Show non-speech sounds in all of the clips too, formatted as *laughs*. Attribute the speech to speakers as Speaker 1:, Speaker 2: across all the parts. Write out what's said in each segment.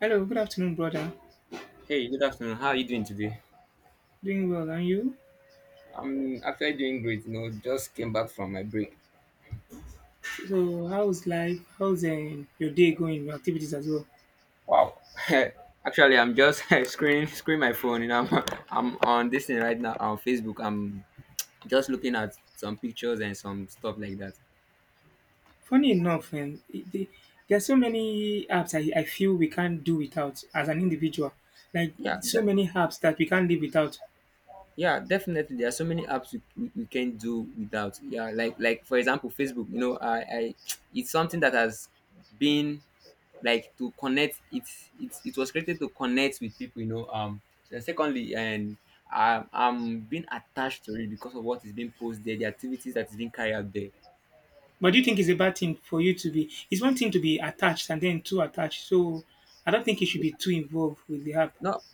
Speaker 1: Hello, good afternoon, brother.
Speaker 2: Hey, good afternoon. How are you doing today?
Speaker 1: Doing well, and you?
Speaker 2: I'm actually doing great. You know, just came back from my break.
Speaker 1: So how's life? How's your day going? Your activities as well?
Speaker 2: Wow. *laughs* Actually, I'm just *laughs* screen my phone. You know, I'm on this thing right now on Facebook. I'm just looking at some pictures and some stuff like that.
Speaker 1: Funny enough, there are so many apps I feel we can't do without as an individual. Like
Speaker 2: Yeah,
Speaker 1: so
Speaker 2: that,
Speaker 1: many apps that we can't live without.
Speaker 2: yeah, definitely. There are so many apps we can do without. Yeah, like for example, Facebook. You know, I, it's something that has been like to connect. It was created to connect with people. You know, So secondly, and I'm being attached to it because of what is being posted there, the activities that is being carried out there.
Speaker 1: But do you think it's a bad thing for you to be? It's one thing to be attached and then too attached. So I don't think you should be too involved with the app.
Speaker 2: Not,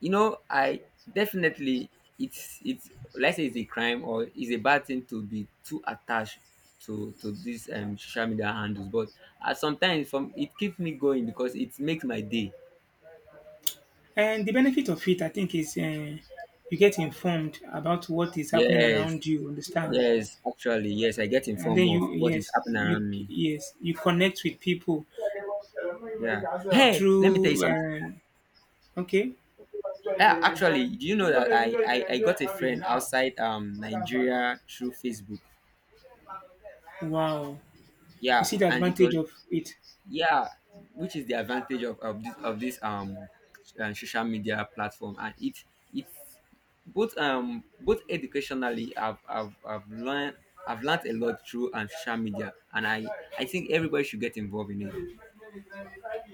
Speaker 2: you know, I definitely, it's let's say it's a crime or it's a bad thing to be too attached to these social media handles, but sometimes from it keeps me going because it makes my day.
Speaker 1: And the benefit of it, I think, is you get informed about what is happening
Speaker 2: Yes,
Speaker 1: around you. Understand?
Speaker 2: yes, actually, yes, I get
Speaker 1: And
Speaker 2: informed
Speaker 1: then you,
Speaker 2: of what is
Speaker 1: yes,
Speaker 2: happening
Speaker 1: you,
Speaker 2: around me.
Speaker 1: yes, you connect with people
Speaker 2: Yeah, hey, let me tell you
Speaker 1: through
Speaker 2: something.
Speaker 1: okay,
Speaker 2: Yeah, actually, do you know that I got a friend outside Nigeria through Facebook?
Speaker 1: wow, you
Speaker 2: Yeah,
Speaker 1: see the
Speaker 2: and it
Speaker 1: advantage
Speaker 2: was,
Speaker 1: of it.
Speaker 2: yeah, which is the advantage of, this of this social media platform, and it it's both both educationally I've learned, I've learned a lot through and social media, and I I think everybody should get involved in it.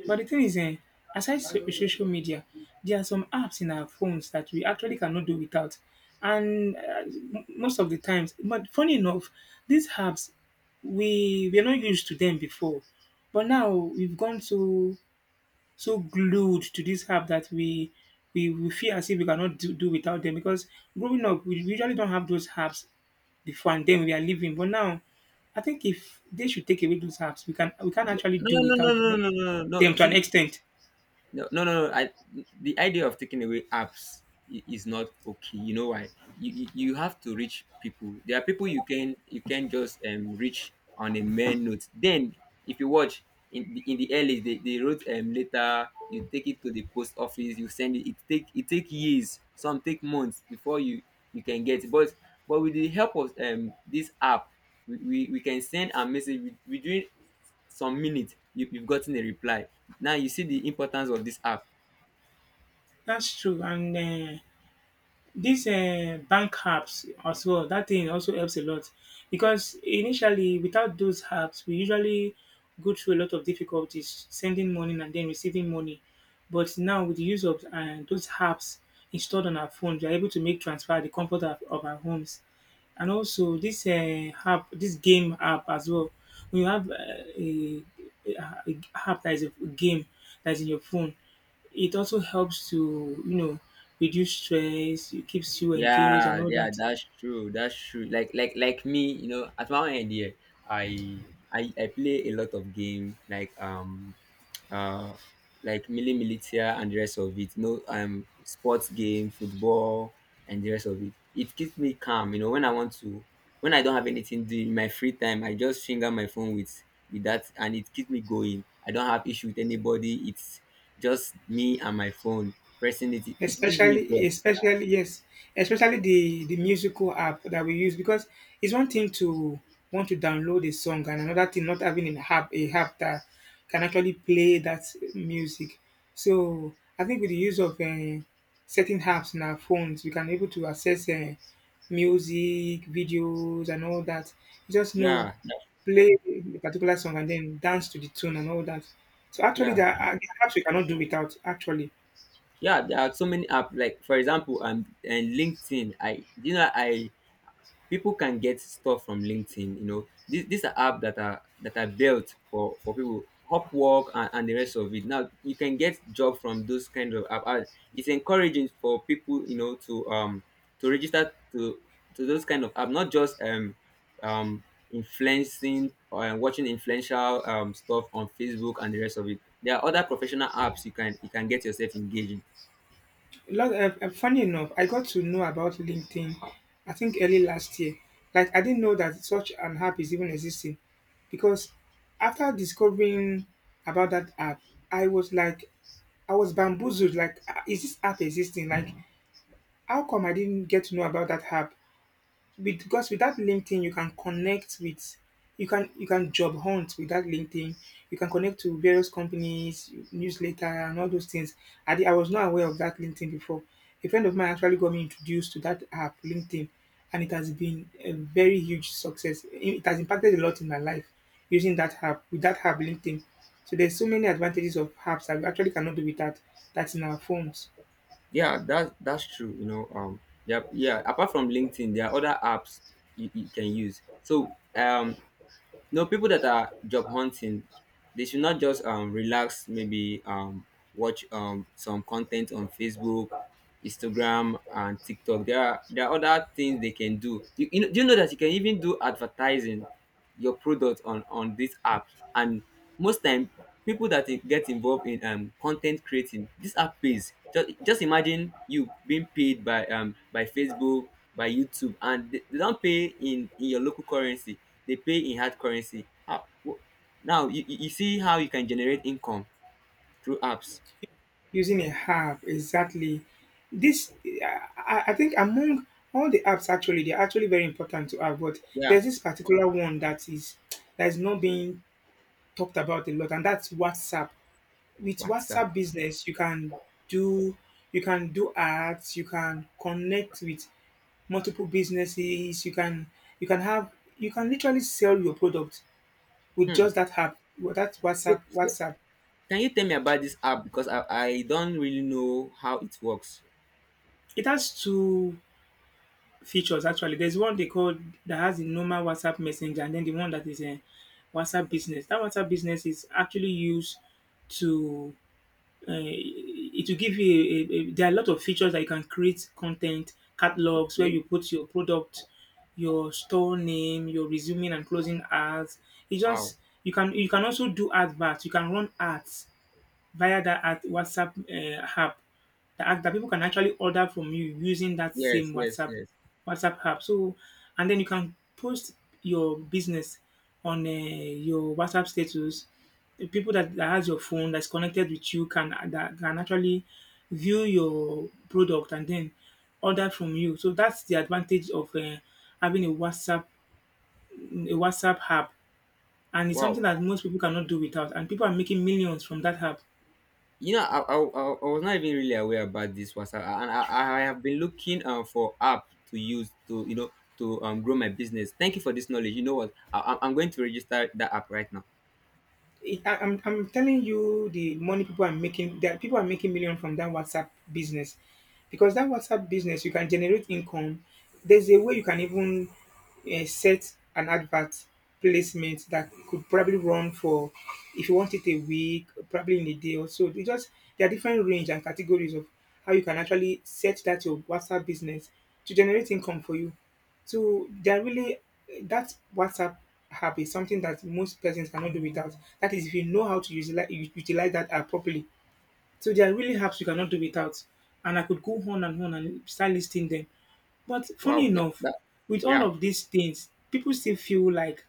Speaker 1: But the thing is, social
Speaker 2: No
Speaker 1: media, there are some apps in our phones that we actually cannot do without. And most of the times, but funny enough, these apps, we're not used to them before, but now we've gone to so glued to this app that we feel as if we cannot do without them. Because growing up, we usually don't have those apps before, and then we are living. But now I think if they should take away those apps, we can actually
Speaker 2: no
Speaker 1: do
Speaker 2: no no no
Speaker 1: without
Speaker 2: no
Speaker 1: them,
Speaker 2: no no no no,
Speaker 1: them to an
Speaker 2: See.
Speaker 1: extent.
Speaker 2: No, no, no, no, I, the idea of taking away apps is not okay. You know why? You have to reach people. There are people you can just reach on a mere note. Then if you watch in the early, they wrote letter. You take it to the post office. You send it. It take years. Some take months before you you can get. It. But with the help of this app, we can send a message within some minutes. You, you've gotten a reply. Now you see the importance of this app.
Speaker 1: That's true. And dis bank apps as well, dat thing also helps a lot, because initially without those apps, we usually go through a lot of difficulties sending money and then receiving money. But now with the use of those apps installed on our phones, we are able to make transfer at the comfort of our homes. And also this app, this game app as well, we have a a app that is a game that's in your phone. It also helps to, you know, reduce stress, it keeps you engaged and
Speaker 2: Yeah,
Speaker 1: all
Speaker 2: yeah,
Speaker 1: that.
Speaker 2: that's true, that's true. Like me, you know, at my own end here, i I play a lot of game uh, like Militia and the rest of it. You know, sports game, football, and the rest of it. It keeps me calm. You know, when I don't have anything to do in my free time, I just finger my phone with that, and it keeps me going. I don't have issue with anybody. It's just me and my phone pressing it. It gives me joy.
Speaker 1: Especially yes, especially the musical app that we use, because it's one thing to want to download a song, and another thing not having an app, a app that can actually play that music. So I think with the use of certain apps in our phones, we can able to access music videos and all that. You just know,
Speaker 2: Yeah,
Speaker 1: play a particular song and then dance to the tune and all that. So actually
Speaker 2: yeah,
Speaker 1: there are apps we cannot do without actually.
Speaker 2: yeah. There are so many app like, for example, and LinkedIn. I, you know, I people can get stuff from LinkedIn. You know, these are apps that are built for people. Upwork and, the rest of it. Now you can get job from those kind of app. And it's encouraging for people, you know, to register to those kind of app, not just um influencing or watching influential stuff on Facebook and the rest of it. There are other professional apps you can get yourself engaged.
Speaker 1: Lot of, funny enough, I got to know about LinkedIn, I think early last year. Like, I didn't know that such an app is even existing, because after discovering about that app, I was like, I was bamboozled. Like, "Ah, is this app existing? Like, how come I didn't get to know about that app? Because without LinkedIn, you can connect with, you can job hunt without LinkedIn. You can connect to various companies, newsletter, and all those things. I was not aware of that LinkedIn before. A friend of mine actually got me introduced to that app, LinkedIn, and it has been a very huge success. It has impacted a lot in my life using that app. With that app, LinkedIn. So there's so many advantages of apps that we actually cannot do without. That's in our phones.
Speaker 2: Yeah, that's true. You know, Apart from LinkedIn, there are other apps you, you can use. So, no, people that are job hunting, they should not just relax. Maybe watch some content on Facebook, Instagram, and TikTok. There are other things they can do. You know, do you know that you can even do advertising your product on this app? And most time, people that get involved in content creating, this app pays. Just imagine you being paid by Facebook, by YouTube, and they don't pay in your local currency. They pay in hard currency. How? Now you, you see how you can generate income through apps.
Speaker 1: Using a app exactly. This, I think among all the apps actually, they're actually very important to have. But
Speaker 2: Yeah,
Speaker 1: there's this particular one that is, that is not being talked about a lot, and that's WhatsApp. With
Speaker 2: WhatsApp.
Speaker 1: WhatsApp business, you can do, you can do ads, you can connect with multiple businesses, you can, you can have, you can literally sell your product with
Speaker 2: Hmm.
Speaker 1: just that app, with that
Speaker 2: So,
Speaker 1: whatsapp
Speaker 2: so
Speaker 1: whatsapp
Speaker 2: can you tell me about this app, because I don't really know how it works.
Speaker 1: It has to features actually. There's one they call that has the normal WhatsApp Messenger, and then the one that is a WhatsApp business. That WhatsApp business is actually used to, uh, it will give you there are a lot of features that you can create content catalogs where
Speaker 2: Okay.
Speaker 1: you put your product, your store name, your resuming and closing ads. It
Speaker 2: Wow.
Speaker 1: just, you can, you can also do adverts. You can run ads via that at WhatsApp app. The app that people can actually order from you using that
Speaker 2: Yes.
Speaker 1: same
Speaker 2: Yes.
Speaker 1: WhatsApp
Speaker 2: Yes.
Speaker 1: WhatsApp app. So, and then you can post your business on your WhatsApp status. The people that, that has your phone that's connected with you can, that can actually view your product and then order from you. So that's the advantage of having a WhatsApp, a WhatsApp app, and it's something
Speaker 2: Wow.
Speaker 1: that most people cannot do without. And people are making millions from that app.
Speaker 2: You know, I was not even really aware about this WhatsApp, and I have been looking for app to use to, you know, to grow my business. Thank you for this knowledge. You know what? I'm going to register that app right now.
Speaker 1: I'm telling you, the money people are making, that people are making million from that WhatsApp business, because that WhatsApp business, you can generate income. There's a way you can even set an advert placement that could probably run for, if you want it a week, probably in a day or so. It just, there are different range and categories of how you can actually set that your WhatsApp business to generate income for you. So they're really, that WhatsApp app is something that most persons cannot do without. That is, if you know how to utilize that app properly. So there are really apps you cannot do without, and I could go on and start listing them. But funny
Speaker 2: Wow.
Speaker 1: enough, with all
Speaker 2: Yeah.
Speaker 1: of these things, people still feel like,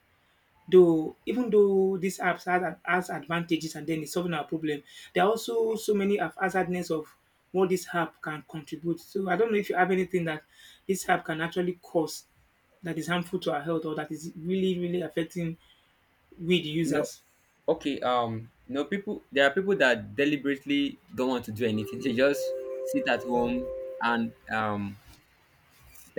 Speaker 1: though even though these apps has advantages, and then it's solving our problem, there are also so many of hazardness of what this app can contribute. So I don't know if you have anything that this app can actually cause that is harmful to our health or that is really, really affecting we the
Speaker 2: You know,
Speaker 1: users.
Speaker 2: okay, you know, people, there are people that deliberately don't want to do anything. They just sit at home and um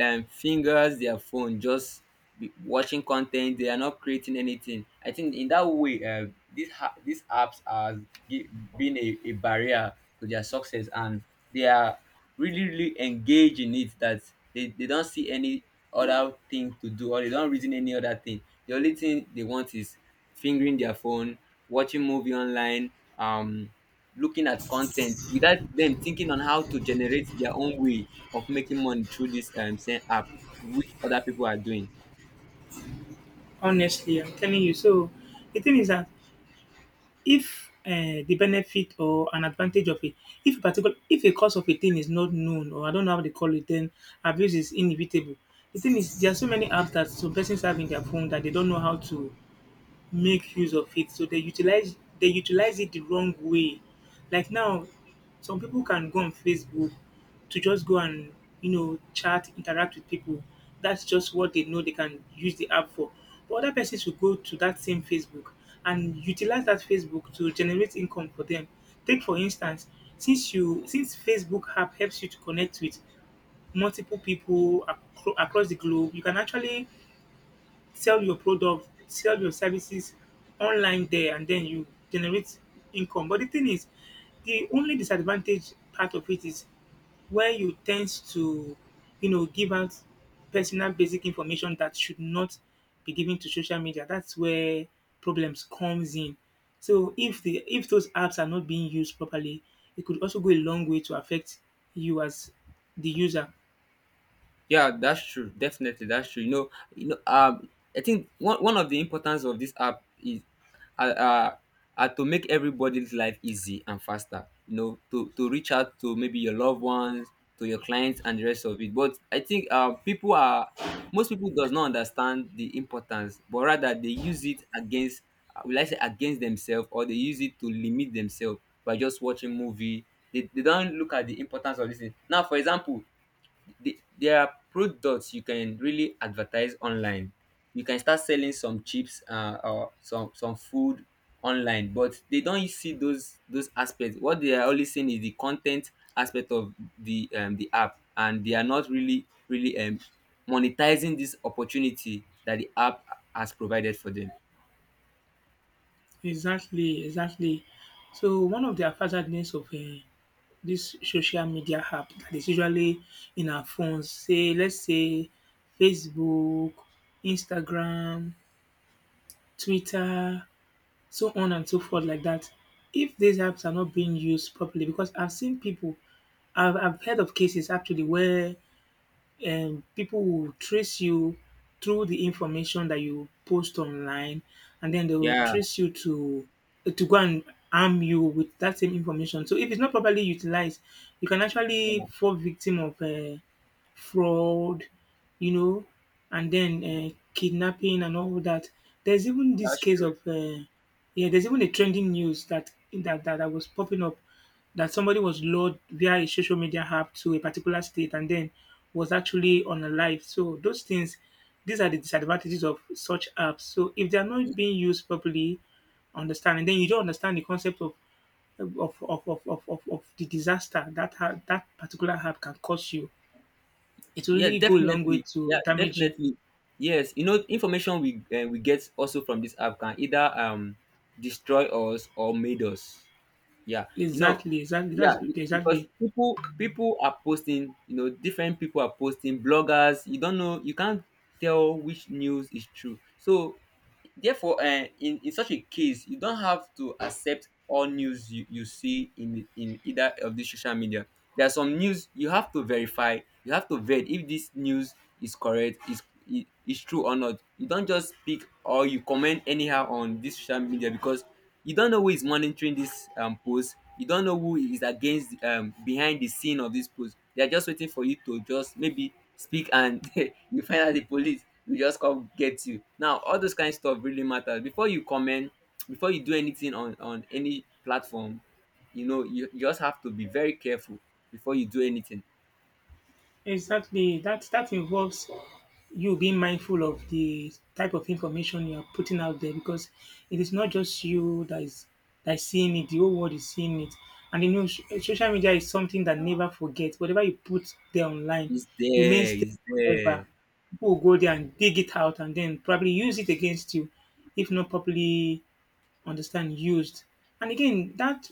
Speaker 2: um, fingers their phone, just be watching content. They are not creating anything. I think in that way, these these apps are gi- being a barrier to their success, and they are really, really engaged in it, that they don't see any other thing to do, or they don't reason any other thing. The only thing they want is fingering their phone, watching movie online, um looking at content without them thinking on how to generate their own way of making money through this same app, which other people are doing.
Speaker 1: Honestly, I'm telling you. So the thing is that, if the benefit or an advantage of it, if particular, if a cost of a thing is not known, or I don't know how they call it, then abuse is inevitable. The thing is, there are so many apps that some persons have in their phone that they don't know how to make use of it. So they utilize it the wrong way. Like now, some people can go on Facebook to just go and, you know, chat, interact with people. That's just what they know they can use the app for. But other persons will go to that same Facebook and utilize that Facebook to generate income for them. Take for instance, since Facebook app helps you to connect with multiple people across the globe, you can actually sell your product, sell your services online there, and then you generate income. But the thing is, the only disadvantage part of it is where you tend to, you know, give out personal basic information that should not be given to social media. That's where problems comes in. So if the if those apps are not being used properly, it could also go a long way to affect you as the user.
Speaker 2: Yeah, that's true. Definitely, that's true. You know, you know. I think one of the importance of this app is, uh, uh, are to make everybody's life easy and faster. You know, to reach out to maybe your loved ones, to your clients, and the rest of it. But I think people are, most people does not understand the importance, but rather they use it against, will I say, against themselves, or they use it to limit themselves by just watching movie. They don't look at the importance of this thing. Now, for example, there are products you can really advertise online. You can start selling some chips, or some food online, but they don't really see those aspects. What they are only seeing is the content aspect of the app, and they are not really, really monetizing this opportunity that the app has provided for them.
Speaker 1: Exactly, exactly. So one of the hazardness of this social media app that is usually in our phones, say let's say Facebook, Instagram, Twitter, so on and so forth like that. If these apps are not being used properly, because I've seen people, I've heard of cases actually where, people will trace you through the information that you post online, and then they will
Speaker 2: Yeah,
Speaker 1: trace you to go and harm you with that same information. So if it's not properly utilized, you can actually
Speaker 2: yeah
Speaker 1: fall victim of fraud, you know, and then kidnapping and all that. There's even this
Speaker 2: that's
Speaker 1: case
Speaker 2: true
Speaker 1: of yeah, there's even a trending news that that was popping up, that somebody was lured via a social media app to a particular state, and then was actually on a live. So those things, these are the disadvantages of such apps. So if they are not being used properly, understand, and then you don't understand the concept of of of, of the disaster that that particular app can cause you, it will
Speaker 2: Yeah,
Speaker 1: really go a long way
Speaker 2: definitely.
Speaker 1: to
Speaker 2: Yeah,
Speaker 1: damage you.
Speaker 2: definitely. Yes, you know, information we get also from this app can either destroy us or made us. Yeah, you know,
Speaker 1: Exactly, exactly, that's
Speaker 2: yeah, because
Speaker 1: exactly,
Speaker 2: people are posting. You know, different people are posting. Bloggers, you don't know, you can't tell which news is true. So therefore, in such a case, you don't have to accept all news you see in either of these social media. There are some news you have to verify. You have to vet if this news is correct, is true or not. You don't just speak or you comment anyhow on this social media, because you don't know who is monitoring this post. You don't know who is against, behind the scene of this post. They are just waiting for you to just maybe speak, and *laughs* you find out the police will just come get you. Now all those kind of stuff really matters before you comment, before you do anything on any platform. You know, you just have to be very careful before you do anything.
Speaker 1: exactly. That, that involves you being mindful of the type of information you are putting out there, because it is not just you that is, that is seeing it; the whole world is seeing it. And you know, social media is something that never forgets. Whatever you put there online
Speaker 2: It's
Speaker 1: remains
Speaker 2: there, it's
Speaker 1: there forever.
Speaker 2: there.
Speaker 1: People will go there and dig it out and then probably use it against you if not properly understand used. And again, that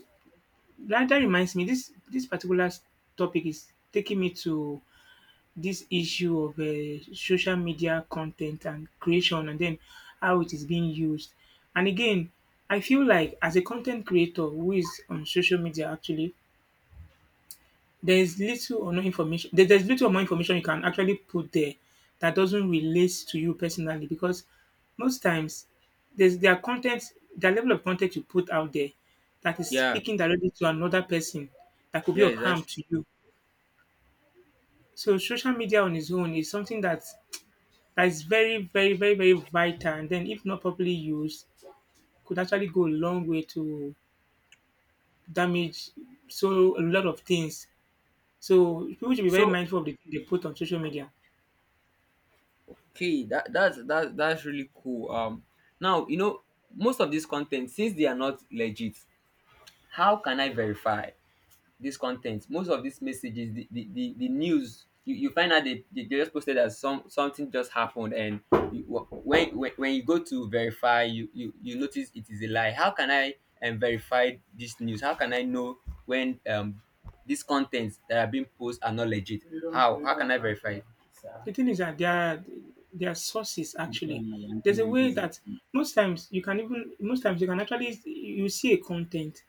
Speaker 1: that, that reminds me this particular topic is taking me to this issue of social media content and creation and then how it is being used. And again, I feel like as a content creator who is on social media actually, there is little or no information there's little or more information you can actually put there that doesn't relate to you personally. Because most times, there's their content, the level of content you put out there that is
Speaker 2: Yeah,
Speaker 1: speaking directly to another person, that could be
Speaker 2: yeah,
Speaker 1: of harm to
Speaker 2: exactly.
Speaker 1: you. So social media on its own is something that is very, very, very, very vital. And then if not properly used, could actually go a long way to damage so a lot of things. So people should be very
Speaker 2: So
Speaker 1: mindful of the thing they put on social media.
Speaker 2: okay, that's really cool. Now, you know, most of this content, since they are not legit, how can I verify this content? Most of these messages, the news, you find out they just posted that something just happened, and you, when you go to verify, you notice it is a lie. How can I verify this news? How can I know when these contents that are being posted are not legit? How can I verify it?
Speaker 1: The thing is that there are sources actually. There's a way that most times you can actually, you see a content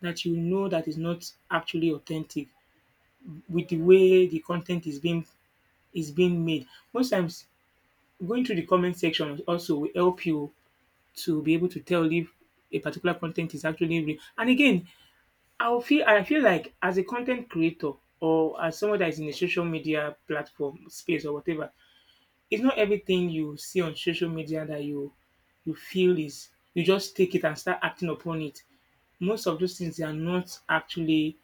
Speaker 1: that you know that is not actually authentic with the way the content is being made. Most times, going through the comment section also will help you to be able to tell if a particular content is actually real. And again, I feel like as a content creator or as someone that is in a social media platform space or whatever, it's not everything you see on social media that you feel is, you just take it and start acting upon it. Most of those things they are not actually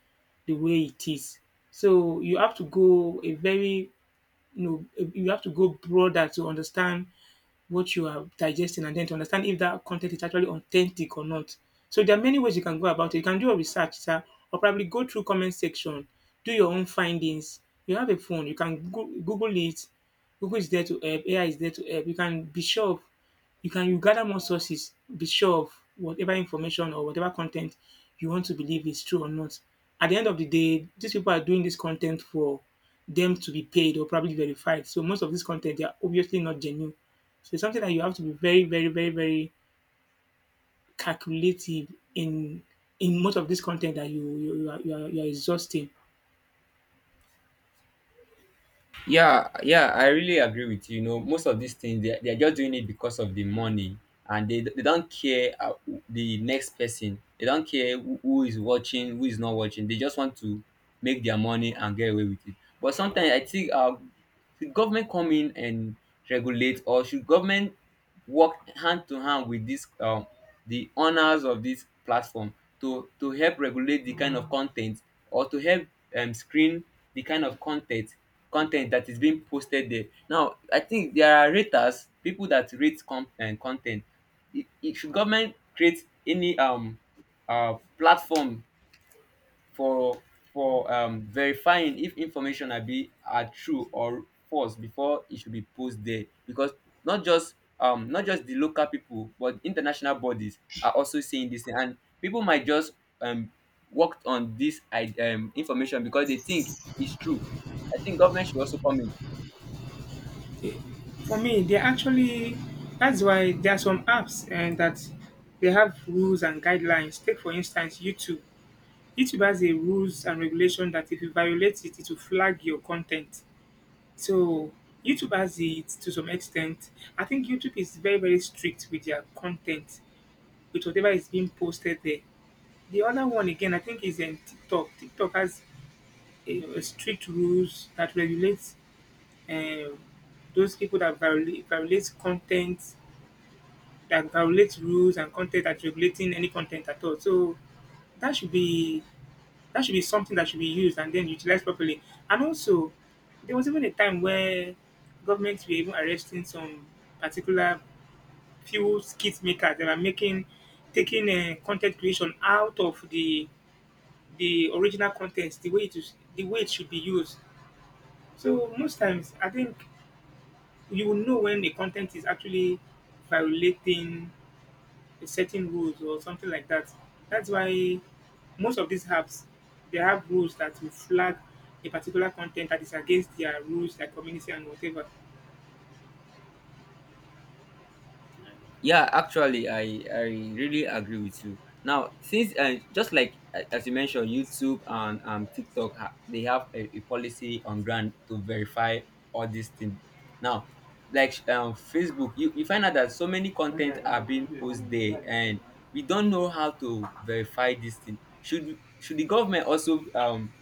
Speaker 1: the way it is. So you have to go a very, you know, you have to go broader to understand what you are digesting and then to understand if that content is actually authentic or not. So there are many ways you can go about it. You can do a research, sir, or probably go through comment section, do your own findings. You have a phone, you can Google it. Google is there to help. AI is there to help. You can be sure of you gather more sources, be sure of whatever information or whatever content you want to believe is true or not. At the end of the day, these people are doing this content for them to be paid or probably verified. So most of this content they are obviously not genuine. So it's something that you have to be very, very, very, very calculative in most of this content that you are exhausting.
Speaker 2: Yeah, yeah, I really agree with you. You know, most of these things, they they're just doing it because of the money, and they don't care the next person. They don't care who is watching, who is not watching. They just want to make their money and get away with it. But sometimes I think should government come in and regulate, or should government work hand to hand with this the owners of this platform to help regulate the kind of content, or to help screen the kind of content that is being posted there. Now I think there are raters, people that rate content. It, should government create any platform for verifying if information are true or false before it should be posted there because not just not just the local people but international bodies are also saying this thing and people might just um worked on this information because they think it's true. I think government should also come in.
Speaker 1: For me, they actually, that's why there are some apps and that they have rules and guidelines. Take for instance YouTube. YouTube has a rules and regulation that if you violate it, it will flag your content. So YouTube has it to some extent. I think YouTube is very, very strict with their content, with whatever is being posted there. The other one again, I think, is in TikTok. TikTok has a strict rules that regulates um, those people that violates content, that violates rules and content that regulating any content at all. So that should be something that should be used and then utilized properly. And also, there was even a time where governments were even arresting some particular few skit makers that were making taking content creation out of the original contents, the way it is, the way it should be used. So most times, I think you will know when the content is actually violating a certain rules or something like that. That's why most of these apps they have rules that will flag a particular content that is against their rules, their community, and whatever.
Speaker 2: Yeah, actually, I really agree with you. Now since just like as you mentioned YouTube and TikTok, they have a policy on ground to verify all these things now. Like Facebook, you find out that so many content are being posted there and we don't know how to verify this thing. Should the government also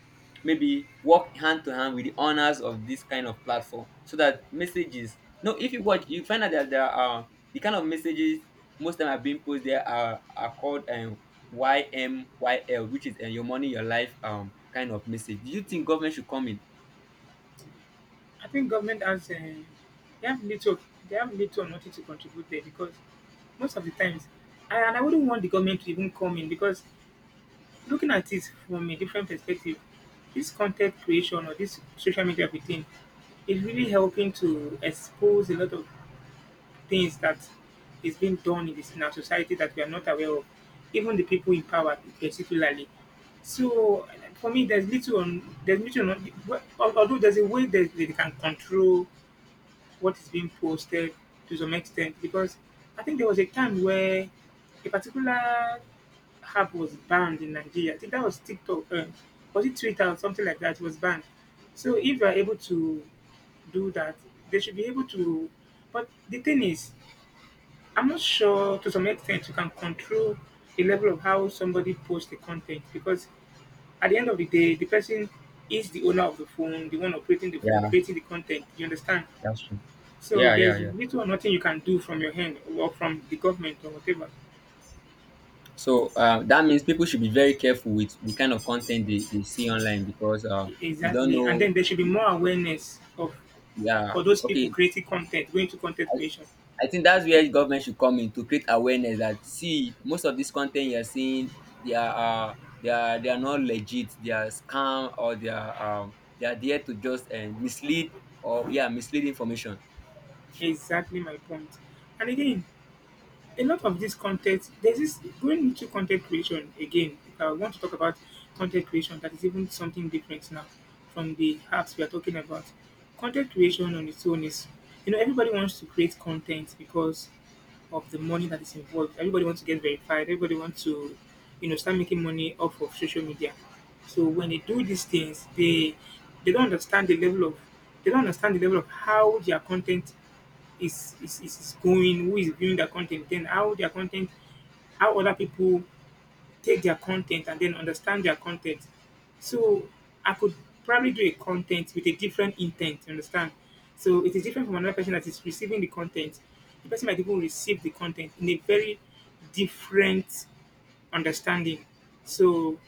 Speaker 2: maybe work hand to hand with the owners of this kind of platform so that messages, no, if you watch you find out that there are the kind of messages most time are being posted there are called YMYL, which is your money, your life kind of message. Do you think government should come in?
Speaker 1: I think government has they have little or nothing to contribute there because most of the times, and I wouldn't want the government to even come in because, looking at it from a different perspective, this content creation or this social media within is really helping to expose a lot of things that is being done in this, in our society that we are not aware of, even the people in power particularly. So for me, there's little on, although there's a way that they can control what is being posted to some extent. Because I think there was a time where a particular app was banned in Nigeria. I think that was TikTok, was it Twitter or something like that was banned. So if you are able to do that, they should be able to. But the thing is, I'm not sure to some extent you can control the level of how somebody posts the content. Because at the end of the day, the person is the owner of the phone, the one operating the phone,
Speaker 2: Yeah,
Speaker 1: creating the content. You understand?
Speaker 2: that's true.
Speaker 1: So
Speaker 2: Yeah, yeah,
Speaker 1: there's
Speaker 2: yeah.
Speaker 1: little or nothing you can do from your hand or from the government or whatever.
Speaker 2: So that means people should be very careful with the kind of content they see online because you don't
Speaker 1: Exactly. And
Speaker 2: know.
Speaker 1: then there should be more awareness of
Speaker 2: Yeah,
Speaker 1: for those people
Speaker 2: okay.
Speaker 1: creating content, going to content creation.
Speaker 2: I think that's where government should come in to create awareness that see, most of this content you're seeing, they are they are they are not legit, they are scam, or they are there to just mislead or, yeah, mislead information.
Speaker 1: Exactly my point. And again, a lot of this content, there's this going into content creation again. If I want to talk about content creation, that is even something different now from the apps we are talking about. Content creation on its own is, you know, everybody wants to create content because of the money that is involved. Everybody wants to get verified. Everybody wants to, you know, start making money off of social media. So when they do these things, they don't understand the level of how their content is going, who is viewing their content, then how their content, how other people take their content and then understand their content. So I could probably do a content with a different intent, you understand? So it is different from another person that is receiving the content. The person might even receive the content in a very different understanding. So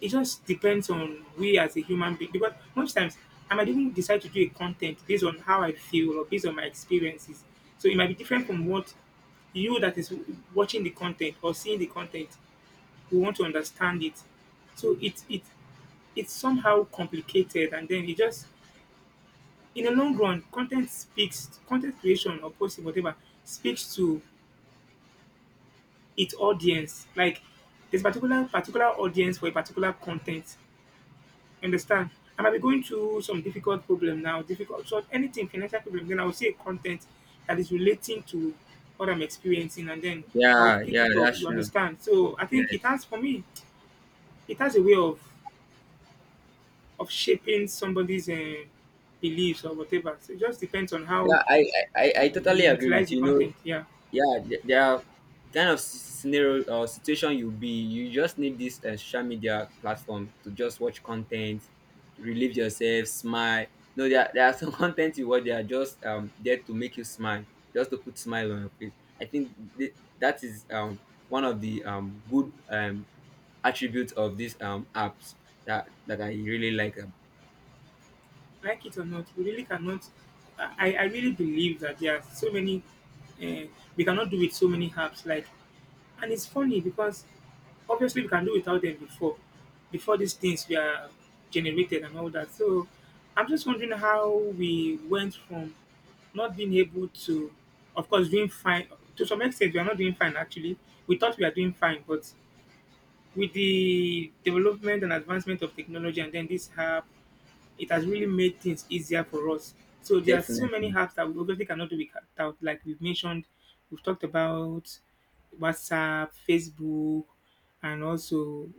Speaker 1: it just depends on we as a human being. Because most times, I might even decide to do a content based on how I feel or based on my experiences. So it might be different from what you that is watching the content or seeing the content who want to understand it. So it's it it's somehow complicated, and then it just, in the long run, content speaks, content creation or posting whatever speaks to its audience. Like there's particular audience for a particular content. Understand? I might be going through some difficult problem now, difficult so anything financial problem, then I will see a content that is relating to what I'm experiencing, and then I'll
Speaker 2: Yeah,
Speaker 1: pick
Speaker 2: yeah,
Speaker 1: it up.
Speaker 2: that's
Speaker 1: You
Speaker 2: true.
Speaker 1: understand? So I
Speaker 2: Yes.
Speaker 1: think it has, for me, it has a way of shaping somebody's beliefs or whatever. So it just depends on how
Speaker 2: Yeah, I
Speaker 1: you
Speaker 2: totally agree
Speaker 1: utilize
Speaker 2: with
Speaker 1: the
Speaker 2: you, you know.
Speaker 1: content. Yeah,
Speaker 2: Yeah, there are kind of scenario or situation you'll be you just need this social media platform to just watch content, relieve yourself, smile. No, there are some *laughs* content you watch, they are just there to make you smile, just to put smile on your face. I think that is one of the good attributes of these apps that I really like
Speaker 1: like it or not, we really cannot. I really believe that there are so many. Uh, we cannot do with so many apps like. And it's funny because obviously we can do without them before, before these things were generated and all that. So I'm just wondering how we went from not being able to, of course, doing fine to some extent. We are not doing fine actually. We thought we are doing fine, but with the development and advancement of technology, and then this app, it has really made things easier for us. So there are so many
Speaker 2: definitely.
Speaker 1: apps that we obviously cannot do without. Like we've mentioned, we've talked about WhatsApp, Facebook, and also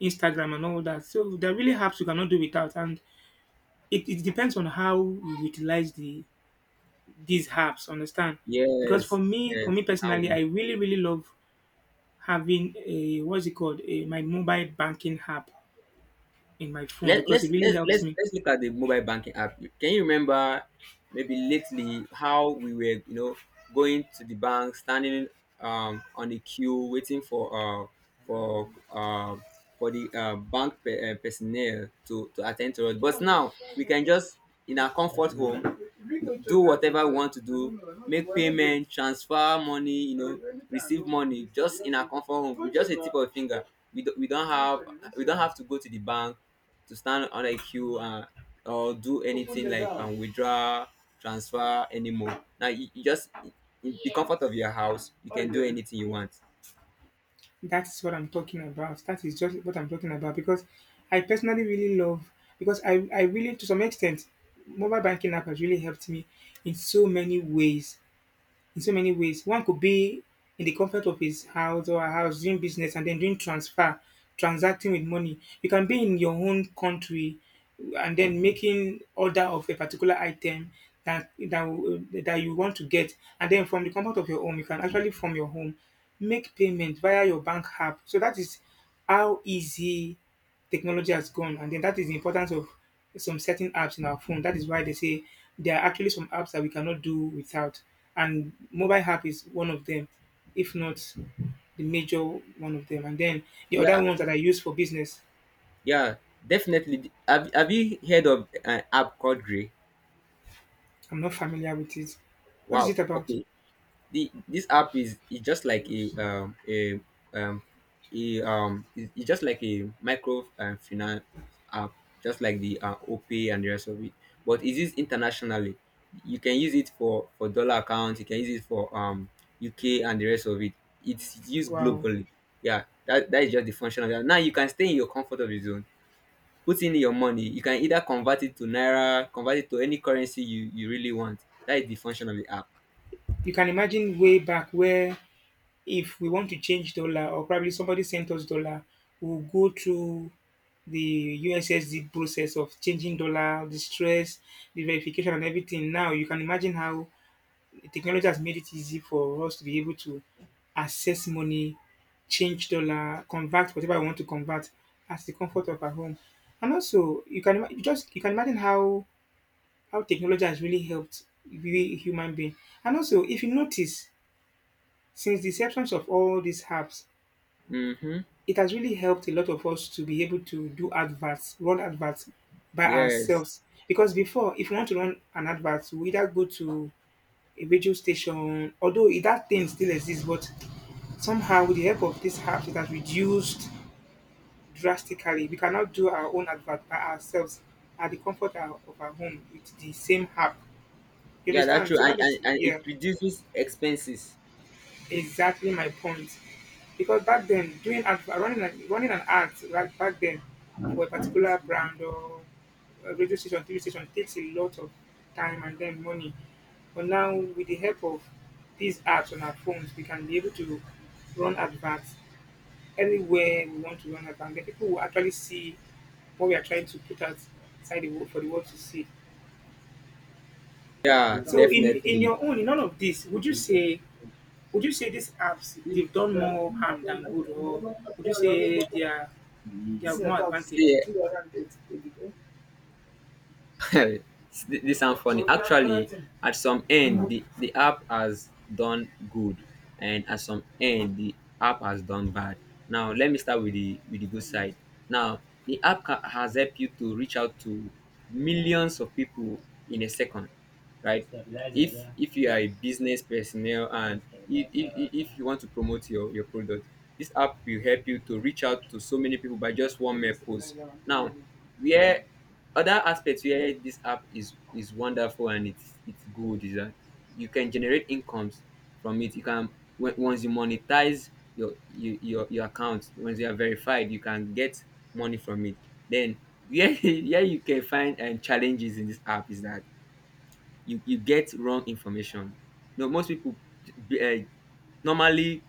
Speaker 1: Instagram and all that. So there are really apps you cannot do without, and it depends on how you utilize these apps. Understand? Because
Speaker 2: Yes.
Speaker 1: for
Speaker 2: Yes.
Speaker 1: me
Speaker 2: How?
Speaker 1: personally, I really really love having a, what's it called, a my mobile banking app in my phone
Speaker 2: Let,
Speaker 1: because it
Speaker 2: let's
Speaker 1: really
Speaker 2: let's
Speaker 1: helps
Speaker 2: let's
Speaker 1: me.
Speaker 2: let's look at the mobile banking app. Can you remember maybe lately how we were, you know, going to the bank, standing on the queue, waiting for uh for the bank personnel to attend to us. But now we can just in our comfort home do whatever we want to do, make payment, transfer money, you know, receive money just in our comfort home with just a tip of a finger. We don't, we don't have we don't have to go to the bank to stand on a queue or do anything like withdraw, transfer anymore. Now you just in the comfort of your house, you can do anything you want.
Speaker 1: That's what I'm talking about. That is just what I'm talking about. Because I personally really love because I really to some extent, mobile banking app has really helped me in so many ways, in so many ways. One could be in the comfort of his house or her house doing business and then doing transfer, transacting with money. You can be in your own country and then making order of a particular item that that you want to get, and then from the comfort of your home you can actually from your home make payment via your bank app. So that is how easy technology has gone. And then that is the importance of some certain apps in our phone. That is why they say there are actually some apps that we cannot do without. And mobile app is one of them, if not the major one of them. And then the other
Speaker 2: Yeah,
Speaker 1: ones that I use for business,
Speaker 2: yeah, definitely. Have you heard of an app called Grey?
Speaker 1: I'm not familiar with it. What is
Speaker 2: Wow.
Speaker 1: it about?
Speaker 2: Okay. the This app is just like um a it's just like a micro finance app, just like the OPay and the rest of it. But it is internationally. You can use it for dollar accounts. You can use it for UK and the rest of it. It's used
Speaker 1: Wow.
Speaker 2: globally. Yeah, that that is just the function of that. Now you can stay in your comfort of your zone. Put in your money. You can either convert it to naira, convert it to any currency you you really want. That is the function of the app.
Speaker 1: You can imagine way back where if we want to change dollar or probably somebody sent us dollar, we'll go through the USSD process of changing dollar, the stress, the verification, and everything. Now you can imagine how technology has made it easy for us to be able to access money, change dollar, convert whatever we want to convert at the comfort of our home. And also, you can ima- you just you can imagine how technology has really helped we human being. And also, if you notice, since the acceptance of all these apps,
Speaker 2: Mm-hmm.
Speaker 1: it has really helped a lot of us to be able to do adverts, run adverts by
Speaker 2: Yes.
Speaker 1: ourselves. Because before, if you want to run an advert, we either go to a radio station, although that thing still exists, but somehow with the help of this app, it has reduced drastically. We cannot do our own advert by ourselves at the comfort of our home with the same app. You
Speaker 2: Yeah, that's
Speaker 1: understand?
Speaker 2: true.
Speaker 1: So that is,
Speaker 2: And it
Speaker 1: yeah.
Speaker 2: reduces expenses.
Speaker 1: Exactly my point. Because back then, doing ad, running an ad right back then for a particular brand or a radio station, TV station takes a lot of time and then money. But now, with the help of these apps on our phones, we can be able to run adverts anywhere we want to run adverts. And then people will actually see what we are trying to put outside the world for the world to see.
Speaker 2: Yeah,
Speaker 1: So, in
Speaker 2: definitely.
Speaker 1: your own, in none of this, would you say would you say these apps they've done more harm than good, or would you say they have
Speaker 2: See,
Speaker 1: more advantage?
Speaker 2: *laughs* this sounds funny. Actually, at some end, the app has done good, and at some end, the app has done bad. Now, let me start with the good side. Now, the app has helped you to reach out to millions of people in a second, right? If you are
Speaker 1: Yeah.
Speaker 2: a business personnel, and if you want to promote your product, this app will help you to reach out to so many people by just one mere post. Now, where other aspects where this app is wonderful and it's good is that you can generate incomes from it. You can once you monetize your account, once you are verified, you can get money from it. Then, yeah, *laughs* yeah, you can find challenges in this app is that you get wrong information. You most people uh, normally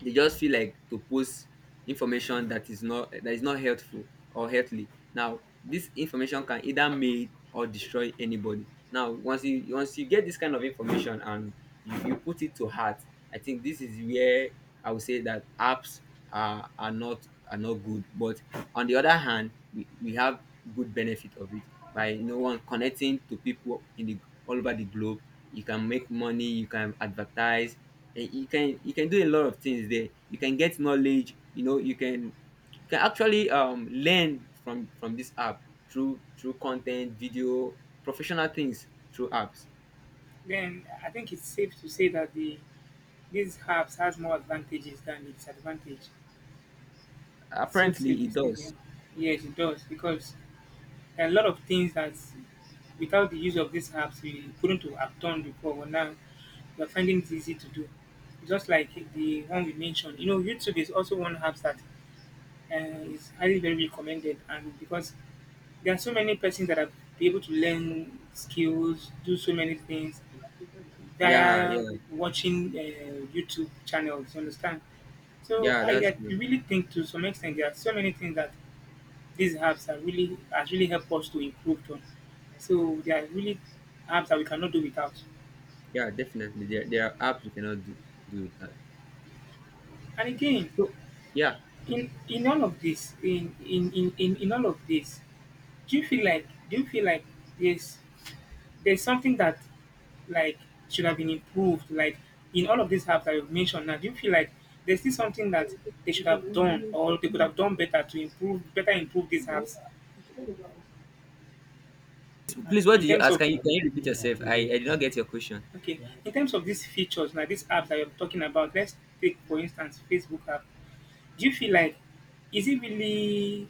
Speaker 2: they just feel like to post information that is not helpful or healthy. Now, this information can either make or destroy anybody. Now, once you get this kind of information and you put it to heart, I think this is where I would say that apps are are not good. But on the other hand, we have good benefit of it by no one connecting to people in the all over the globe. You can make money, you can advertise, and you can do a lot of things there. You can get knowledge, you know, you can actually learn from this app through content video, professional things through apps.
Speaker 1: Then I think it's safe to say that these apps has more advantages than its advantage. It's so safe
Speaker 2: Apparently
Speaker 1: to
Speaker 2: it
Speaker 1: say, yeah.
Speaker 2: does.
Speaker 1: Yes, it does because there are a lot of things that without the use of these apps we couldn't have done before, but now we're finding it easy to do. Just like the one we mentioned, you know, YouTube is also one app that and it's highly very recommended. And because there are so many persons that are be able to learn skills, do so many things
Speaker 2: Yeah,
Speaker 1: via
Speaker 2: yeah,
Speaker 1: watching YouTube channels. You understand? So
Speaker 2: yeah,
Speaker 1: I,
Speaker 2: that's
Speaker 1: I
Speaker 2: true.
Speaker 1: really think to some extent there are so many things that these apps are really has really helped us to improve on. So there are really apps that we cannot do without.
Speaker 2: Yeah, definitely, there are apps you cannot do do it at.
Speaker 1: And again,
Speaker 2: So, yeah,
Speaker 1: in all of this, in all of this, do you feel like there's something that like should have been improved. Like in all of these apps that you've mentioned now, do you feel like there's still something that they should have done or they could have done better to improve better improve these apps
Speaker 2: please, what
Speaker 1: in
Speaker 2: did you
Speaker 1: terms
Speaker 2: ask?
Speaker 1: of
Speaker 2: Can you can you repeat yourself? I did not get your question.
Speaker 1: okay, in terms of these features, like these apps that you're talking about, let's take for instance Facebook app. Do you feel like is it really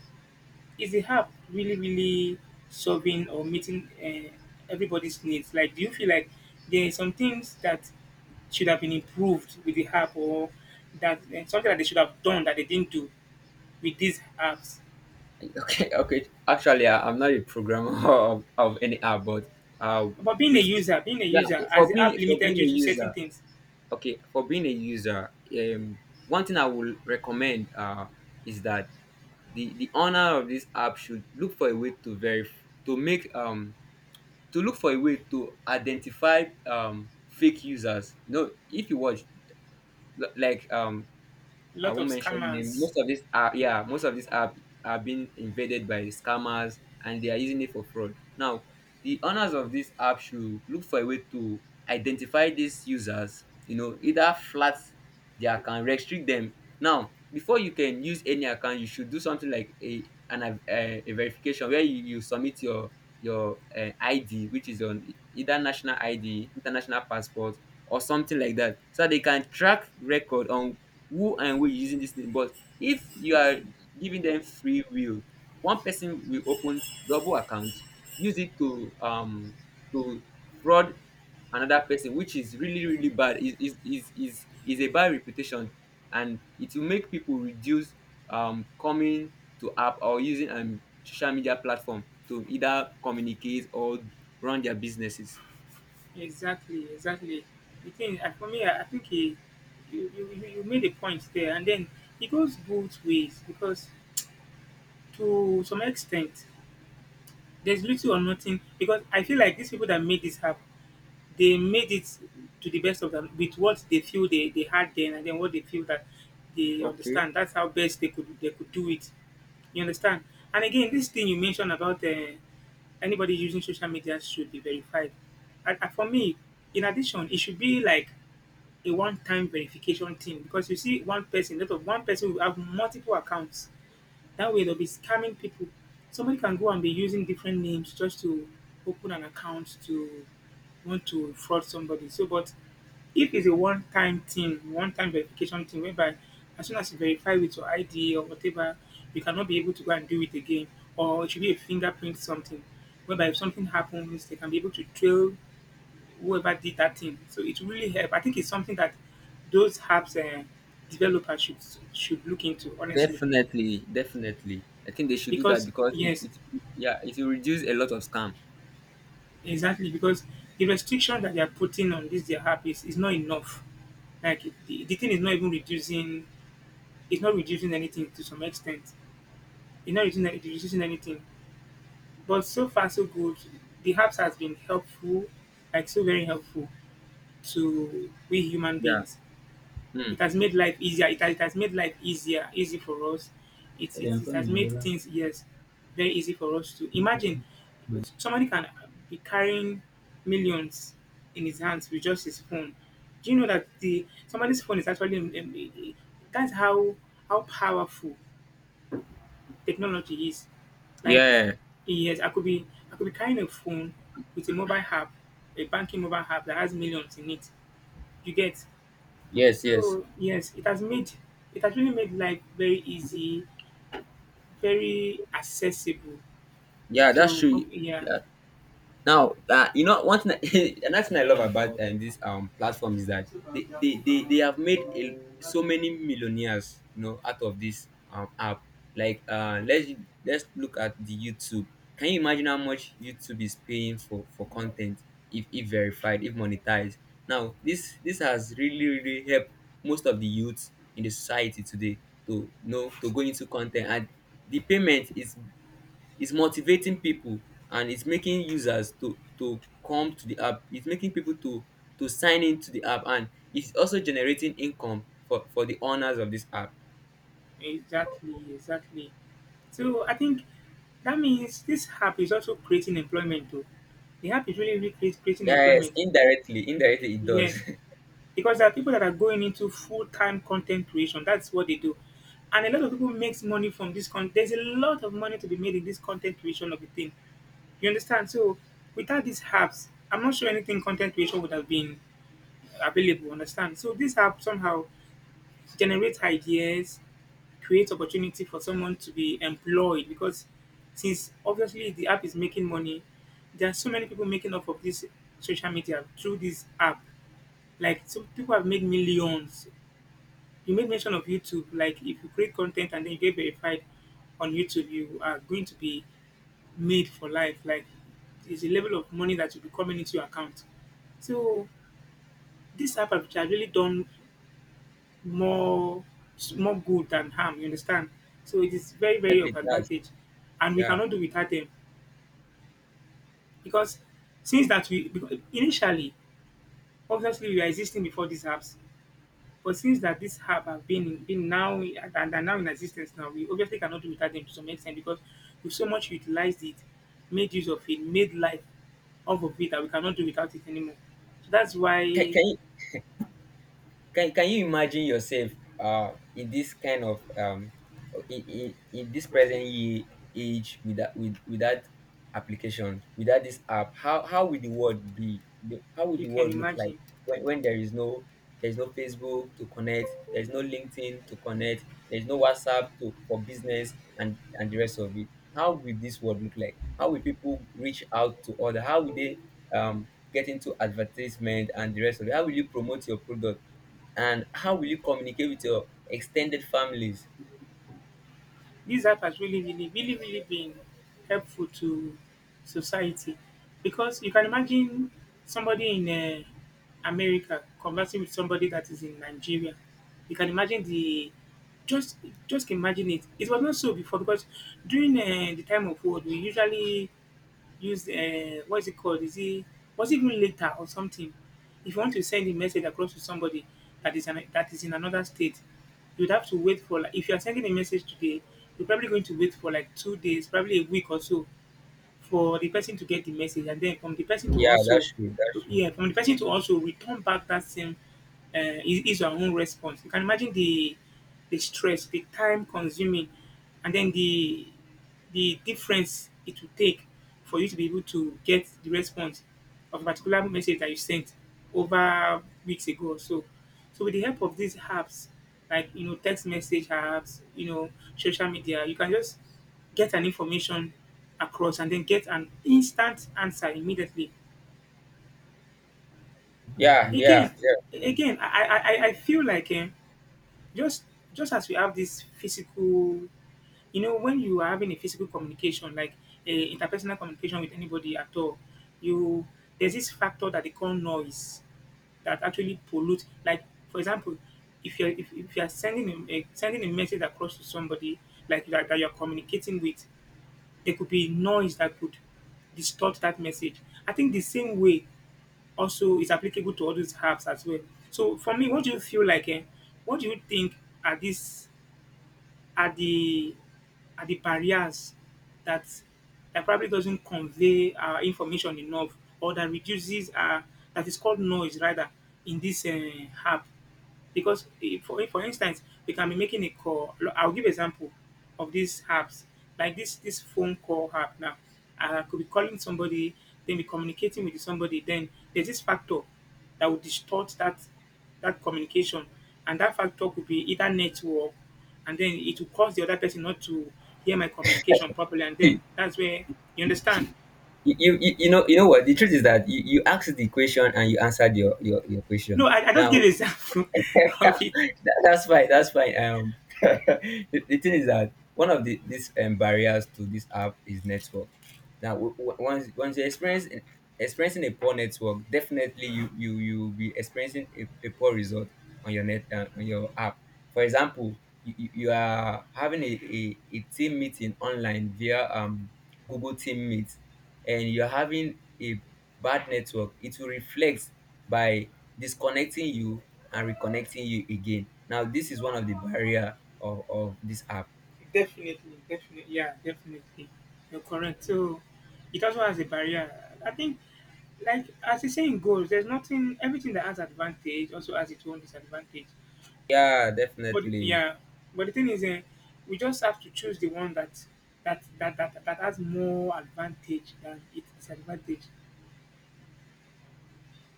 Speaker 1: is the app really solving or meeting everybody's needs like do you feel like there are some things that should have been improved with the app or that something that they should have done that they didn't do with these apps
Speaker 2: Okay, *laughs* okay. Actually, I'm not a programmer *laughs* of any app, but uh,
Speaker 1: but
Speaker 2: with,
Speaker 1: being a
Speaker 2: yeah,
Speaker 1: user as the app
Speaker 2: for
Speaker 1: limited
Speaker 2: being
Speaker 1: you
Speaker 2: a
Speaker 1: to certain
Speaker 2: user,
Speaker 1: things
Speaker 2: okay, for being a user, um, one thing I would recommend is that the owner of this app should look for a way to verify, to make to look for a way to identify fake users. You know, if you watch, like
Speaker 1: a
Speaker 2: I
Speaker 1: lot of
Speaker 2: won't mention name.
Speaker 1: scammers
Speaker 2: Most of these are, yeah, most of these are being invaded by scammers and they are using it for fraud. Now, the owners of this app should look for a way to identify these users, you know, either flat their account, restrict them. Now, before you can use any account, you should do something like a an av- a verification where you submit your ID, which is on either national ID, international passport, or something like that, so that they can track record on who and we using this thing. But if you are giving them free will, one person will open double accounts, use it to to fraud another person, which is really bad. Is a bad reputation, and it will make people reduce coming to app or using social media platform to either communicate or run their businesses.
Speaker 1: exactly the thing for me I think you you made a point there and then it goes both ways because to some extent there's little or nothing because I feel like these people that made this happen, they made it to the best of them with what they feel they had then and then what they feel that they
Speaker 2: Okay.
Speaker 1: understand. That's how best they could do it. You understand? And again, this thing you mentioned about anybody using social media should be verified. And for me, in addition, it should be like a one-time verification thing because you see one person, lot of one person will have multiple accounts that way they'll be scamming people. Somebody can go and be using different names just to open an account to want to fraud somebody. So, but if it's a one-time thing, one-time verification thing, whereby as soon as you verify with your ID or whatever, you cannot be able to go and do it again, or it should be a fingerprint something, whereby if something happens, they can be able to trail whoever did that thing. So it really help. I think it's something that those apps developers should look into honestly,
Speaker 2: Definitely, definitely. I think they should do that
Speaker 1: because
Speaker 2: because
Speaker 1: yes,
Speaker 2: it, yeah, it will reduce a lot of scam.
Speaker 1: exactly, because the restriction that they are putting on this their app is not enough. Like the thing is not even reducing, it's not reducing anything to some extent. It's not reducing, reducing anything. But so far so good. The apps has been helpful, like so very helpful to we human
Speaker 2: Yeah.
Speaker 1: beings.
Speaker 2: Hmm.
Speaker 1: It has made life easier. It has made life easier, easy for us.
Speaker 2: Yeah,
Speaker 1: It has made
Speaker 2: I'm.
Speaker 1: things, yes, very easy for us to imagine. Somebody can be carrying millions in his hands with just his phone. Do you know that the somebody's phone is actually that's how powerful technology is. Like
Speaker 2: Yeah.
Speaker 1: yes, I could be carrying a phone with a mobile app, a banking mobile app that has millions in it. You get
Speaker 2: Yes, yes.
Speaker 1: so yes, it has made it has really made life very easy, very accessible.
Speaker 2: Yeah, that's
Speaker 1: So
Speaker 2: true.
Speaker 1: from yeah,
Speaker 2: Yeah. Now you know, one thing *laughs* another thing I love about this platform is that they have made so many millionaires, you know, out of this app. Like, let's look at the YouTube. Can you imagine how much YouTube is paying for content if verified, if monetized? Now, this has really helped most of the youths in the society today to, you know, to go into content. And the payment is it's motivating people, and it's making users to come to the app. It's making people to sign into the app, and it's also generating income for the owners of this app.
Speaker 1: exactly, exactly. So I think that means this app is also creating employment too. The app is really, really creating
Speaker 2: Yes,
Speaker 1: employment.
Speaker 2: indirectly, it does.
Speaker 1: Yes, because there are people that are going into full time content creation. That's what they do, and a lot of people makes money from this content. There's a lot of money to be made in this content creation of the thing. You understand? So without these apps, I'm not sure anything content creation would have been available. Understand? So these apps somehow generate ideas, create opportunity for someone to be employed because since obviously the app is making money, there are so many people making up of this social media through this app. Like some people have made millions. You made mention of YouTube. Like if you create content and then you get verified on YouTube, you are going to be made for life. Like it's a level of money that will be coming into your account. So this app has really done more good than harm. You understand? So it is
Speaker 2: *laughs*
Speaker 1: very of
Speaker 2: It does.
Speaker 1: advantage, and we
Speaker 2: Yeah.
Speaker 1: cannot do without them because since that we because initially obviously we were existing before these apps. But since that this herb have been now and are now in existence now, we obviously cannot do without them to some extent because we so much utilized it, made use of it, made life out of it that we cannot do without it anymore. So that's why you
Speaker 2: Can you can you imagine yourself in this kind of in this present year age with that with that application, without this app, how would the world be? How would the
Speaker 1: can
Speaker 2: world look like
Speaker 1: imagine.
Speaker 2: when there is no there's no Facebook to connect, there's no LinkedIn to connect, there's no WhatsApp to for business and the rest of it? How will this world look like? How will people reach out to other? How will they get into advertisement and the rest of it? How will you promote your product, and how will you communicate with your extended families?
Speaker 1: This app has really, really, really, really been helpful to society because you can imagine somebody in America conversing with somebody that is in Nigeria. You can imagine the just just imagine it. It was not so before because during the time of war, we usually use what is it called? Is it was it even later or something? If you want to send a message across to somebody that is an, that is in another state, you'd have to wait for like if you are sending a message today, you're probably going to wait for like 2 days, probably a week or so for the person to get the message and then from the person to
Speaker 2: Yeah,
Speaker 1: also
Speaker 2: that's true. That's true.
Speaker 1: yeah from the person to also return back that same uh, is our own response you can imagine the stress the time consuming and then the difference it will take for you to be able to get the response of a particular message that you sent over weeks ago or so so with the help of these apps like you know text message apps, you know social media. You can just get an information across and then get an instant answer immediately.
Speaker 2: Yeah, yeah,
Speaker 1: Again,
Speaker 2: yeah.
Speaker 1: again, I feel like just just as we have this physical you know when you are having a physical communication like a interpersonal communication with anybody at all you there's this factor that they call noise that actually pollute. Like for example, if you're sending a sending a message across to somebody like that, that you're communicating with, there could be noise that could distort that message. I think the same way also is applicable to all these apps as well. So for me, what do you feel like? What do you think are these are the are the barriers that probably doesn't convey our information enough or that reduces our that is called noise rather in this app because for instance, you can be making a call. I'll give example of these apps, like this phone call app. Now, I could be calling somebody, then be communicating with somebody. Then there's this factor that would distort that communication, and that factor could be either network, and then it will cause the other person not to hear my communication properly, and then
Speaker 2: *laughs*
Speaker 1: that's where you understand.
Speaker 2: You you know, you know what the truth is, that you asked the question and you answered your question.
Speaker 1: No, I just
Speaker 2: Now
Speaker 1: give
Speaker 2: *laughs*
Speaker 1: example *laughs* of it.
Speaker 2: That's fine. That's fine. *laughs* The thing is that one of the these barriers to this app is network. Now, once you experience experiencing a poor network, definitely you you will be experiencing a poor result on your net on your app. For example, you are having a team meeting online via Google Team Meet, and you're having a bad network. It will reflect by disconnecting you and reconnecting you again. Now this is one of the barrier of this app.
Speaker 1: Definitely, definitely, yeah, definitely. You're correct. So it also has a barrier. I think, like as the saying goes, there's nothing. Everything that has advantage also has its own disadvantage.
Speaker 2: Yeah,
Speaker 1: But
Speaker 2: definitely.
Speaker 1: yeah, but the thing is, we just have to choose the one that has more advantage than its disadvantage.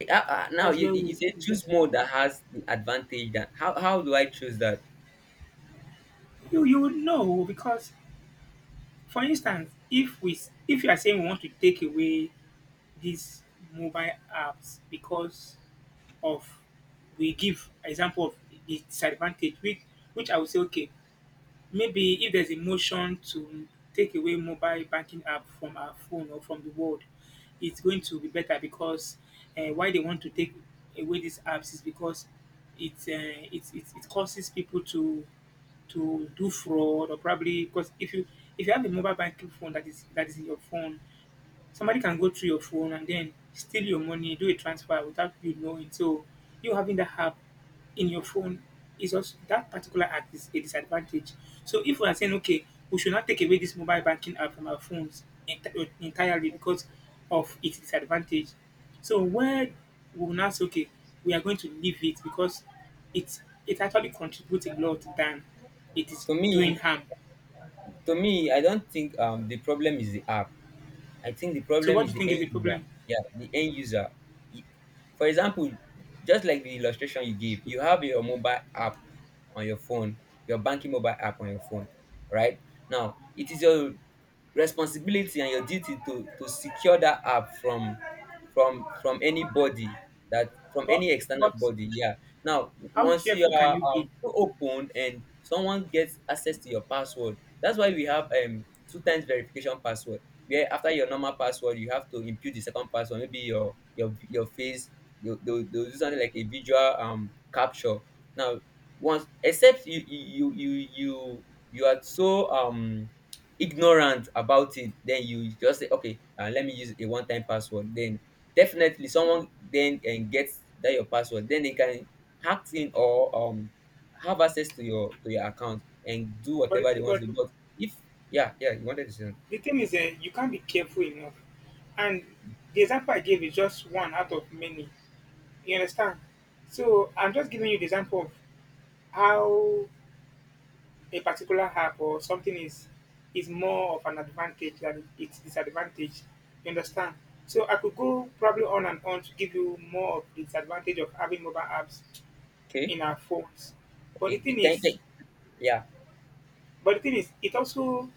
Speaker 2: Now,
Speaker 1: That's
Speaker 2: you,
Speaker 1: where
Speaker 2: you you
Speaker 1: we
Speaker 2: say
Speaker 1: we get.
Speaker 2: choose mode that has the advantage, that how, how do I choose that?
Speaker 1: You would know because, for instance, if you are saying we want to take away these mobile apps because of we give example of the disadvantage which I would say okay, maybe if there's a motion to take away mobile banking app from our phone or from the world, it's going to be better because why they want to take away these apps is because it causes people to do fraud or probably because if you have a mobile banking phone that is in your phone. Somebody can go through your phone and then steal your money, do a transfer without you knowing. So you having that app in your phone is also that particular app is a disadvantage. So if we are saying okay, we should not take away this mobile banking app from our phones entirely because of its disadvantage. So where we will now say okay, we are going to leave it because it's it actually contributes a lot than it is
Speaker 2: to
Speaker 1: doing
Speaker 2: me
Speaker 1: harm.
Speaker 2: to me I don't think the problem is the app. I think the
Speaker 1: So
Speaker 2: problem
Speaker 1: what do
Speaker 2: is
Speaker 1: you
Speaker 2: the
Speaker 1: think
Speaker 2: end
Speaker 1: is the
Speaker 2: user.
Speaker 1: problem?
Speaker 2: Yeah, the end user. Y- For example, just like the illustration you gave, you have your mobile app on your phone, your banking mobile app on your phone, right? Now, it is your responsibility and your duty to secure that app from from anybody, that from
Speaker 1: But
Speaker 2: any external
Speaker 1: but
Speaker 2: body. Yeah. Now,
Speaker 1: how
Speaker 2: once you
Speaker 1: careful can
Speaker 2: are
Speaker 1: you be?
Speaker 2: open and someone gets access to your password, that's why we have two times verification password, where after your normal password you have to input the second password, maybe your face. They'll do something like a visual capture. Now, once except you are so ignorant about it, then you just say okay, let me use a one-time password. Then definitely someone then and gets that your password, then they can hack in, or have access to your account and do
Speaker 1: But,
Speaker 2: whatever they want
Speaker 1: but
Speaker 2: to do. But if yeah, yeah, you wanted to say something.
Speaker 1: the thing is, you can't be careful enough. And the example I gave is just one out of many. You understand? So I'm just giving you the example of how a particular app or something is more of an advantage than its disadvantage. You understand? So I could go probably on and on to give you more of the disadvantage of having mobile apps
Speaker 2: Okay.
Speaker 1: in our phones. But the
Speaker 2: Okay,
Speaker 1: thing
Speaker 2: can you
Speaker 1: is,
Speaker 2: take? Yeah.
Speaker 1: but the thing is, it also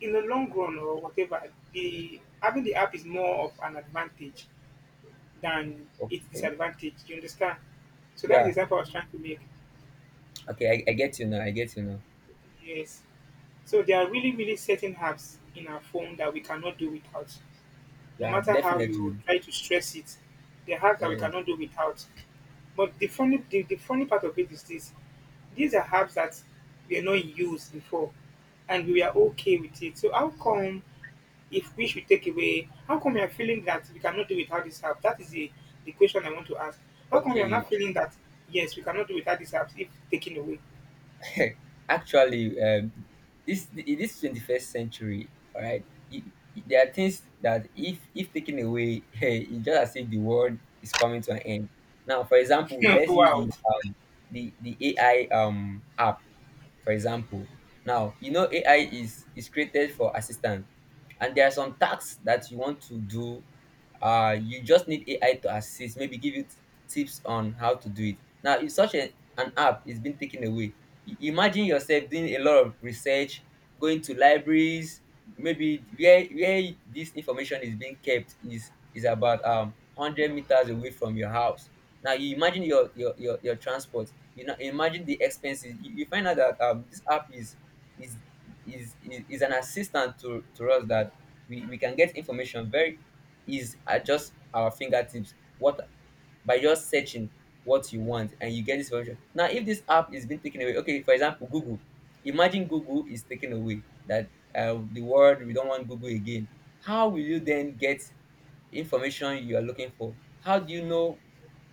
Speaker 1: in the long run or whatever, the having the app is more of an advantage than its
Speaker 2: Okay.
Speaker 1: disadvantage. You understand? So that's the
Speaker 2: Yeah.
Speaker 1: example I was trying to make.
Speaker 2: Okay. I get you now. I get you now.
Speaker 1: Yes. So there are really, really certain apps in our phone that we cannot do without. No
Speaker 2: Yeah.
Speaker 1: matter how you
Speaker 2: Definitely.
Speaker 1: try to stress it, there are hacks that we
Speaker 2: Yes.
Speaker 1: cannot do without. But the funny, the funny part of it is this: these are herbs that were not used before, and we are okay with it. So how come if we should take away, how come we are feeling that we cannot do without this herb? That is the question I want to ask. How come we are
Speaker 2: Okay.
Speaker 1: not feeling that yes, we cannot do without this herb if taken away?
Speaker 2: *laughs* Actually, this in this 21st century, all right. There are things that if taken away, *laughs* hey, it's just as if the world is coming to an end. Now, for example,
Speaker 1: *laughs*
Speaker 2: let's use the
Speaker 1: Wow.
Speaker 2: the AI app, for example. Now, you know AI is created for assistance, and there are some tasks that you want to do, uh, you just need AI to assist, maybe give you tips on how to do it. Now if such a, an app is being taken away, imagine yourself doing a lot of research, going to libraries, maybe where this information is being kept is about 100 meters away from your house. Now you imagine your transport, you know, imagine the expenses. You find out that this app is is an assistant to us that we can get information very, is at just our fingertips, what, by just searching what you want and you get this information. Now, if this app is being taken away, okay, for example, Google. Imagine Google is taken away, that the world, we don't want Google again. How will you then get information you are looking for? How do you know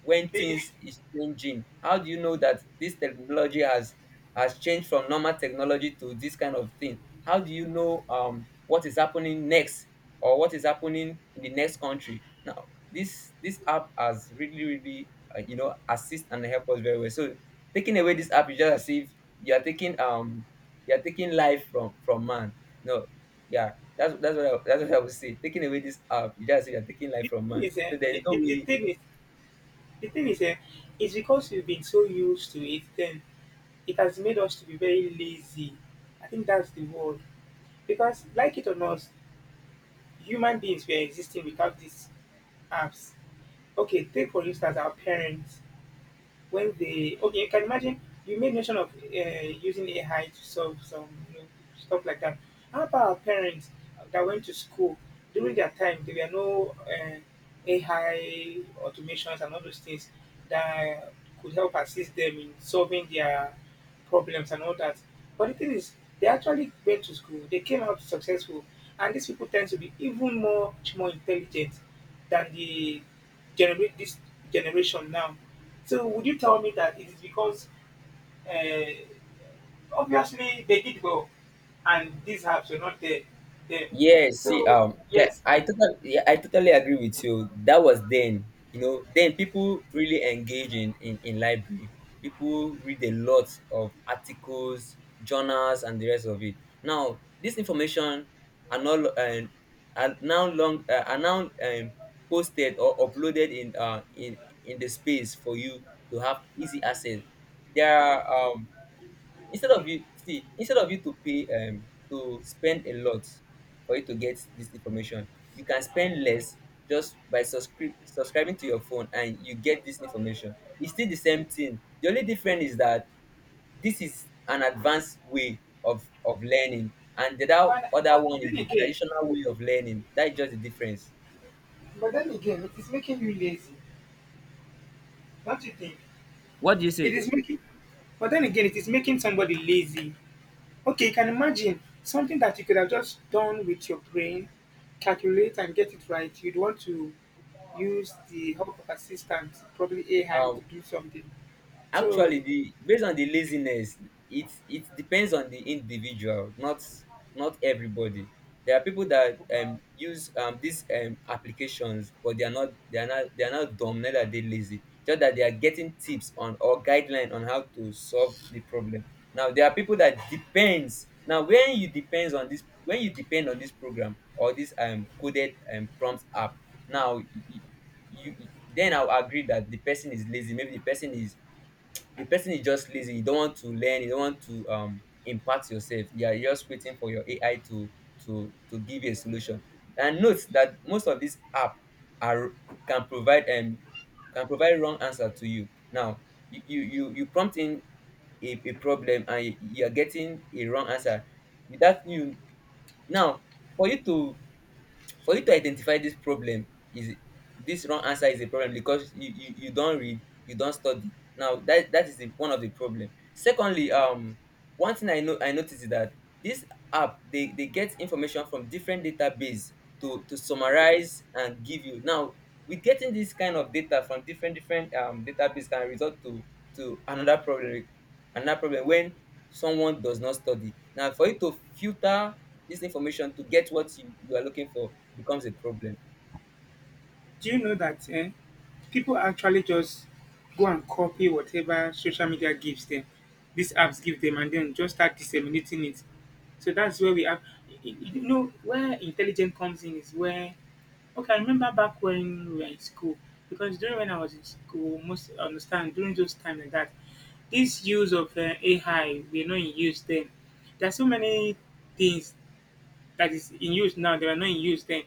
Speaker 2: when
Speaker 1: The,
Speaker 2: things is changing? How do you know that this technology has changed from normal technology to this kind of thing? How do you know what is happening next or what is happening in the next country? Now, this app has really really you know, assist and help us very well. So taking away this app is just as if you are taking um, you are taking life from man. No. Yeah, that's what I, that's what I would say, taking away this app is just as if you are taking
Speaker 1: the,
Speaker 2: life from
Speaker 1: thing
Speaker 2: man.
Speaker 1: is, eh,
Speaker 2: So there's no
Speaker 1: the
Speaker 2: way.
Speaker 1: thing is, The thing is, eh, it's because we've been so used to it, then it has made us to be very lazy. I think that's the word. Because, like it or not, human beings were existing without these apps. Okay, take for instance our parents when they okay you can imagine you made mention of using AI to solve some, you know, stuff like that. How about our parents that went to school during their time? There were no AI automations and all those things that could help assist them in solving their problems and all that. But the thing is, they actually went to school. They came out successful, and these people tend to be even more much more intelligent than the generate this generation now. So would you tell me that it is because uh, obviously they did well and these apps were not there.
Speaker 2: Yes, see,
Speaker 1: So yes,
Speaker 2: yeah, I totally agree with you. That was then, you know, then people really engage in, in library. People read a lot of articles, journals, and the rest of it. Now, this information are not are now long are now posted or uploaded in in the space for you to have easy access. There are um, instead of you see, instead of you to pay um, to spend a lot for you to get this information, you can spend less just by subscribing to your phone and you get this information. It's still the same thing, the only difference is that this is an advanced way of learning, and the other
Speaker 1: but
Speaker 2: other
Speaker 1: but but
Speaker 2: one is
Speaker 1: then
Speaker 2: the
Speaker 1: again,
Speaker 2: traditional way of learning. That is just the difference.
Speaker 1: but then again, it is making you lazy, don't you think?
Speaker 2: What do you
Speaker 1: It
Speaker 2: say?
Speaker 1: is making, but then again, it is making somebody lazy. Okay, you can imagine something that you could have just done with your brain, calculate and get it right. You'd want to use the help of assistants, probably AI,
Speaker 2: Um,
Speaker 1: to do something. So,
Speaker 2: actually, the based on the laziness, it depends on the individual, not not everybody. There are people that
Speaker 1: uh,
Speaker 2: use these applications, but they are not, they are not, they are not dumb, neither are they lazy, just that they are getting tips on or guideline on how to solve the problem. Now there are people that depends, now when you depends on this, when you depend on this program or this coded prompt app. Now you then I'll agree that the person is lazy. Maybe the person is, the person is just lazy. You don't want to learn. You don't want to impart yourself. Yeah, you're just waiting for your AI to to give you a solution. And note that most of these app are, can provide um, can provide wrong answer to you. Now you prompt in a problem and you are getting a wrong answer. That you now, for you to, for you to identify this problem is, this wrong answer is a problem because you don't read, you don't study. Now that that is the one of the problem. Secondly um, one thing I know I noticed is that this app, they get information from different database to summarize and give you. Now with getting this kind of data from different different database can result to another problem, another problem. When someone does not study, now for you to filter this information to get what you are looking for becomes a problem.
Speaker 1: do you know that, people actually just go and copy whatever social media gives them, these apps give them, and then just start disseminating it. So that's where we have, you know, where intelligence comes in is where. Okay, I remember back when we were in school, because during when I was in school, most understand during those time like that, this use of AI we're not in use then. There are so many things that is in use now that are not in use then.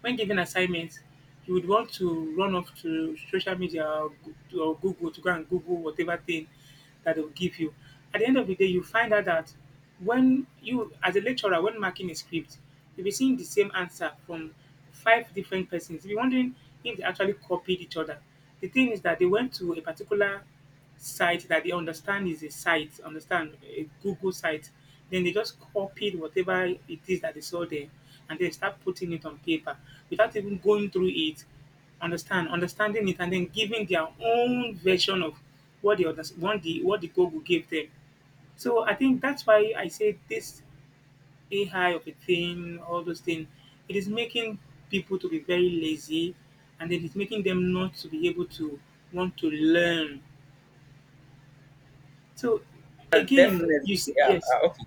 Speaker 1: When given assignments, you would want to run off to social media or Google to go and Google whatever thing that they'll give you. At the end of the day, you find out that when you, as a lecturer, when marking a script, you'll be seeing the same answer from five different persons. You'll be wondering if they actually copied each other. The thing is that they went to a particular site that they understand is a site, understand a Google site. Then they just copied whatever it is that they saw there and then start putting it on paper without even going through it, understand, understanding it, and then giving their own version of what the others what the Google gave them. So I think that's why I say this AI of a thing, all those things, it is making people to be very lazy and it is making them not to be able to want to learn so again,
Speaker 2: Definitely. Yeah.
Speaker 1: yes,
Speaker 2: Okay.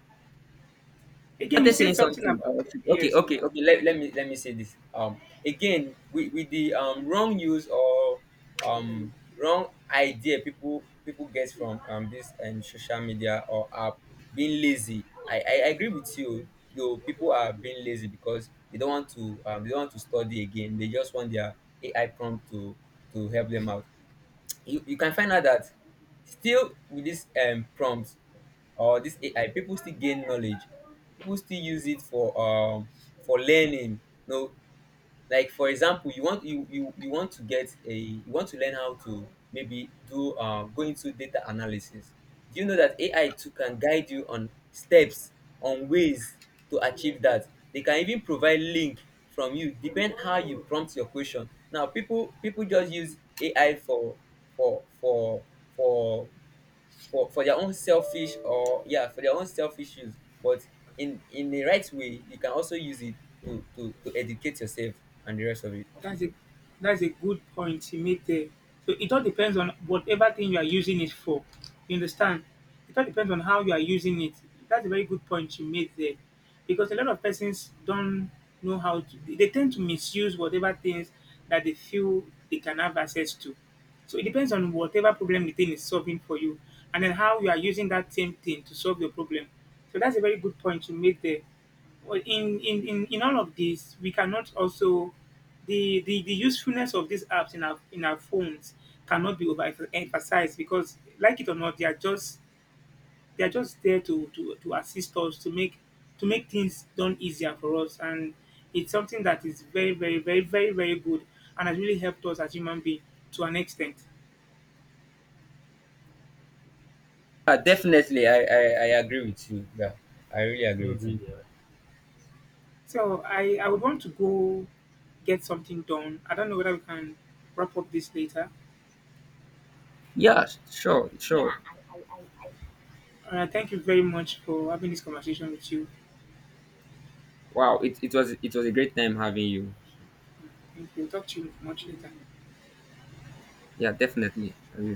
Speaker 2: I
Speaker 1: again you
Speaker 2: was
Speaker 1: said
Speaker 2: saying
Speaker 1: something
Speaker 2: something. Uh,
Speaker 1: about
Speaker 2: okay. Okay.
Speaker 1: yes.
Speaker 2: Okay. Okay. Let me let me say this. Again, with the wrong use or wrong idea people get from this and social media or app being lazy. I agree with you. Though people are being lazy because they don't want to they don't want to study again. They just want their AI prompt to help them out. You can find out that still with this prompt or this AI, people still gain knowledge. People still use it for learning. No, like for example you want, you want to get a, you want to learn how to maybe do go into data analysis. Do you know that AI too can guide you on steps on ways to achieve that? They can even provide link from you, depend how you prompt your question. Now people just use AI for for for for their own selfish, or yeah, for their own selfish use. But in the right way, you can also use it to to educate yourself and the rest of it.
Speaker 1: That's a that's a good point you made there. So it all depends on whatever thing you are using it for. You understand? It all depends on how you are using it. That's a very good point you made there, because a lot of persons don't know how to. They tend to misuse whatever things that they feel they can have access to. So it depends on whatever problem the thing is solving for you, and then how you are using that same thing to solve your problem. So that's a very good point you made there. Well, in all of this, we cannot also the usefulness of these apps in our phones cannot be overemphasized because like it or not, they are just there to, to assist us to make things done easier for us and it's something that is very, very, very, very, very good and has really helped us as human beings to an extent.
Speaker 2: Yeah, definitely. I agree with you. Yeah, I really agree with you.
Speaker 1: So I would want to go get something done. I don't know whether we can wrap up this later.
Speaker 2: Yeah, sure, sure.
Speaker 1: Thank you very much for having this conversation with you.
Speaker 2: Wow, it was, it was a great time having you.
Speaker 1: Thank you. Talk to you much later.
Speaker 2: Yeah, definitely I really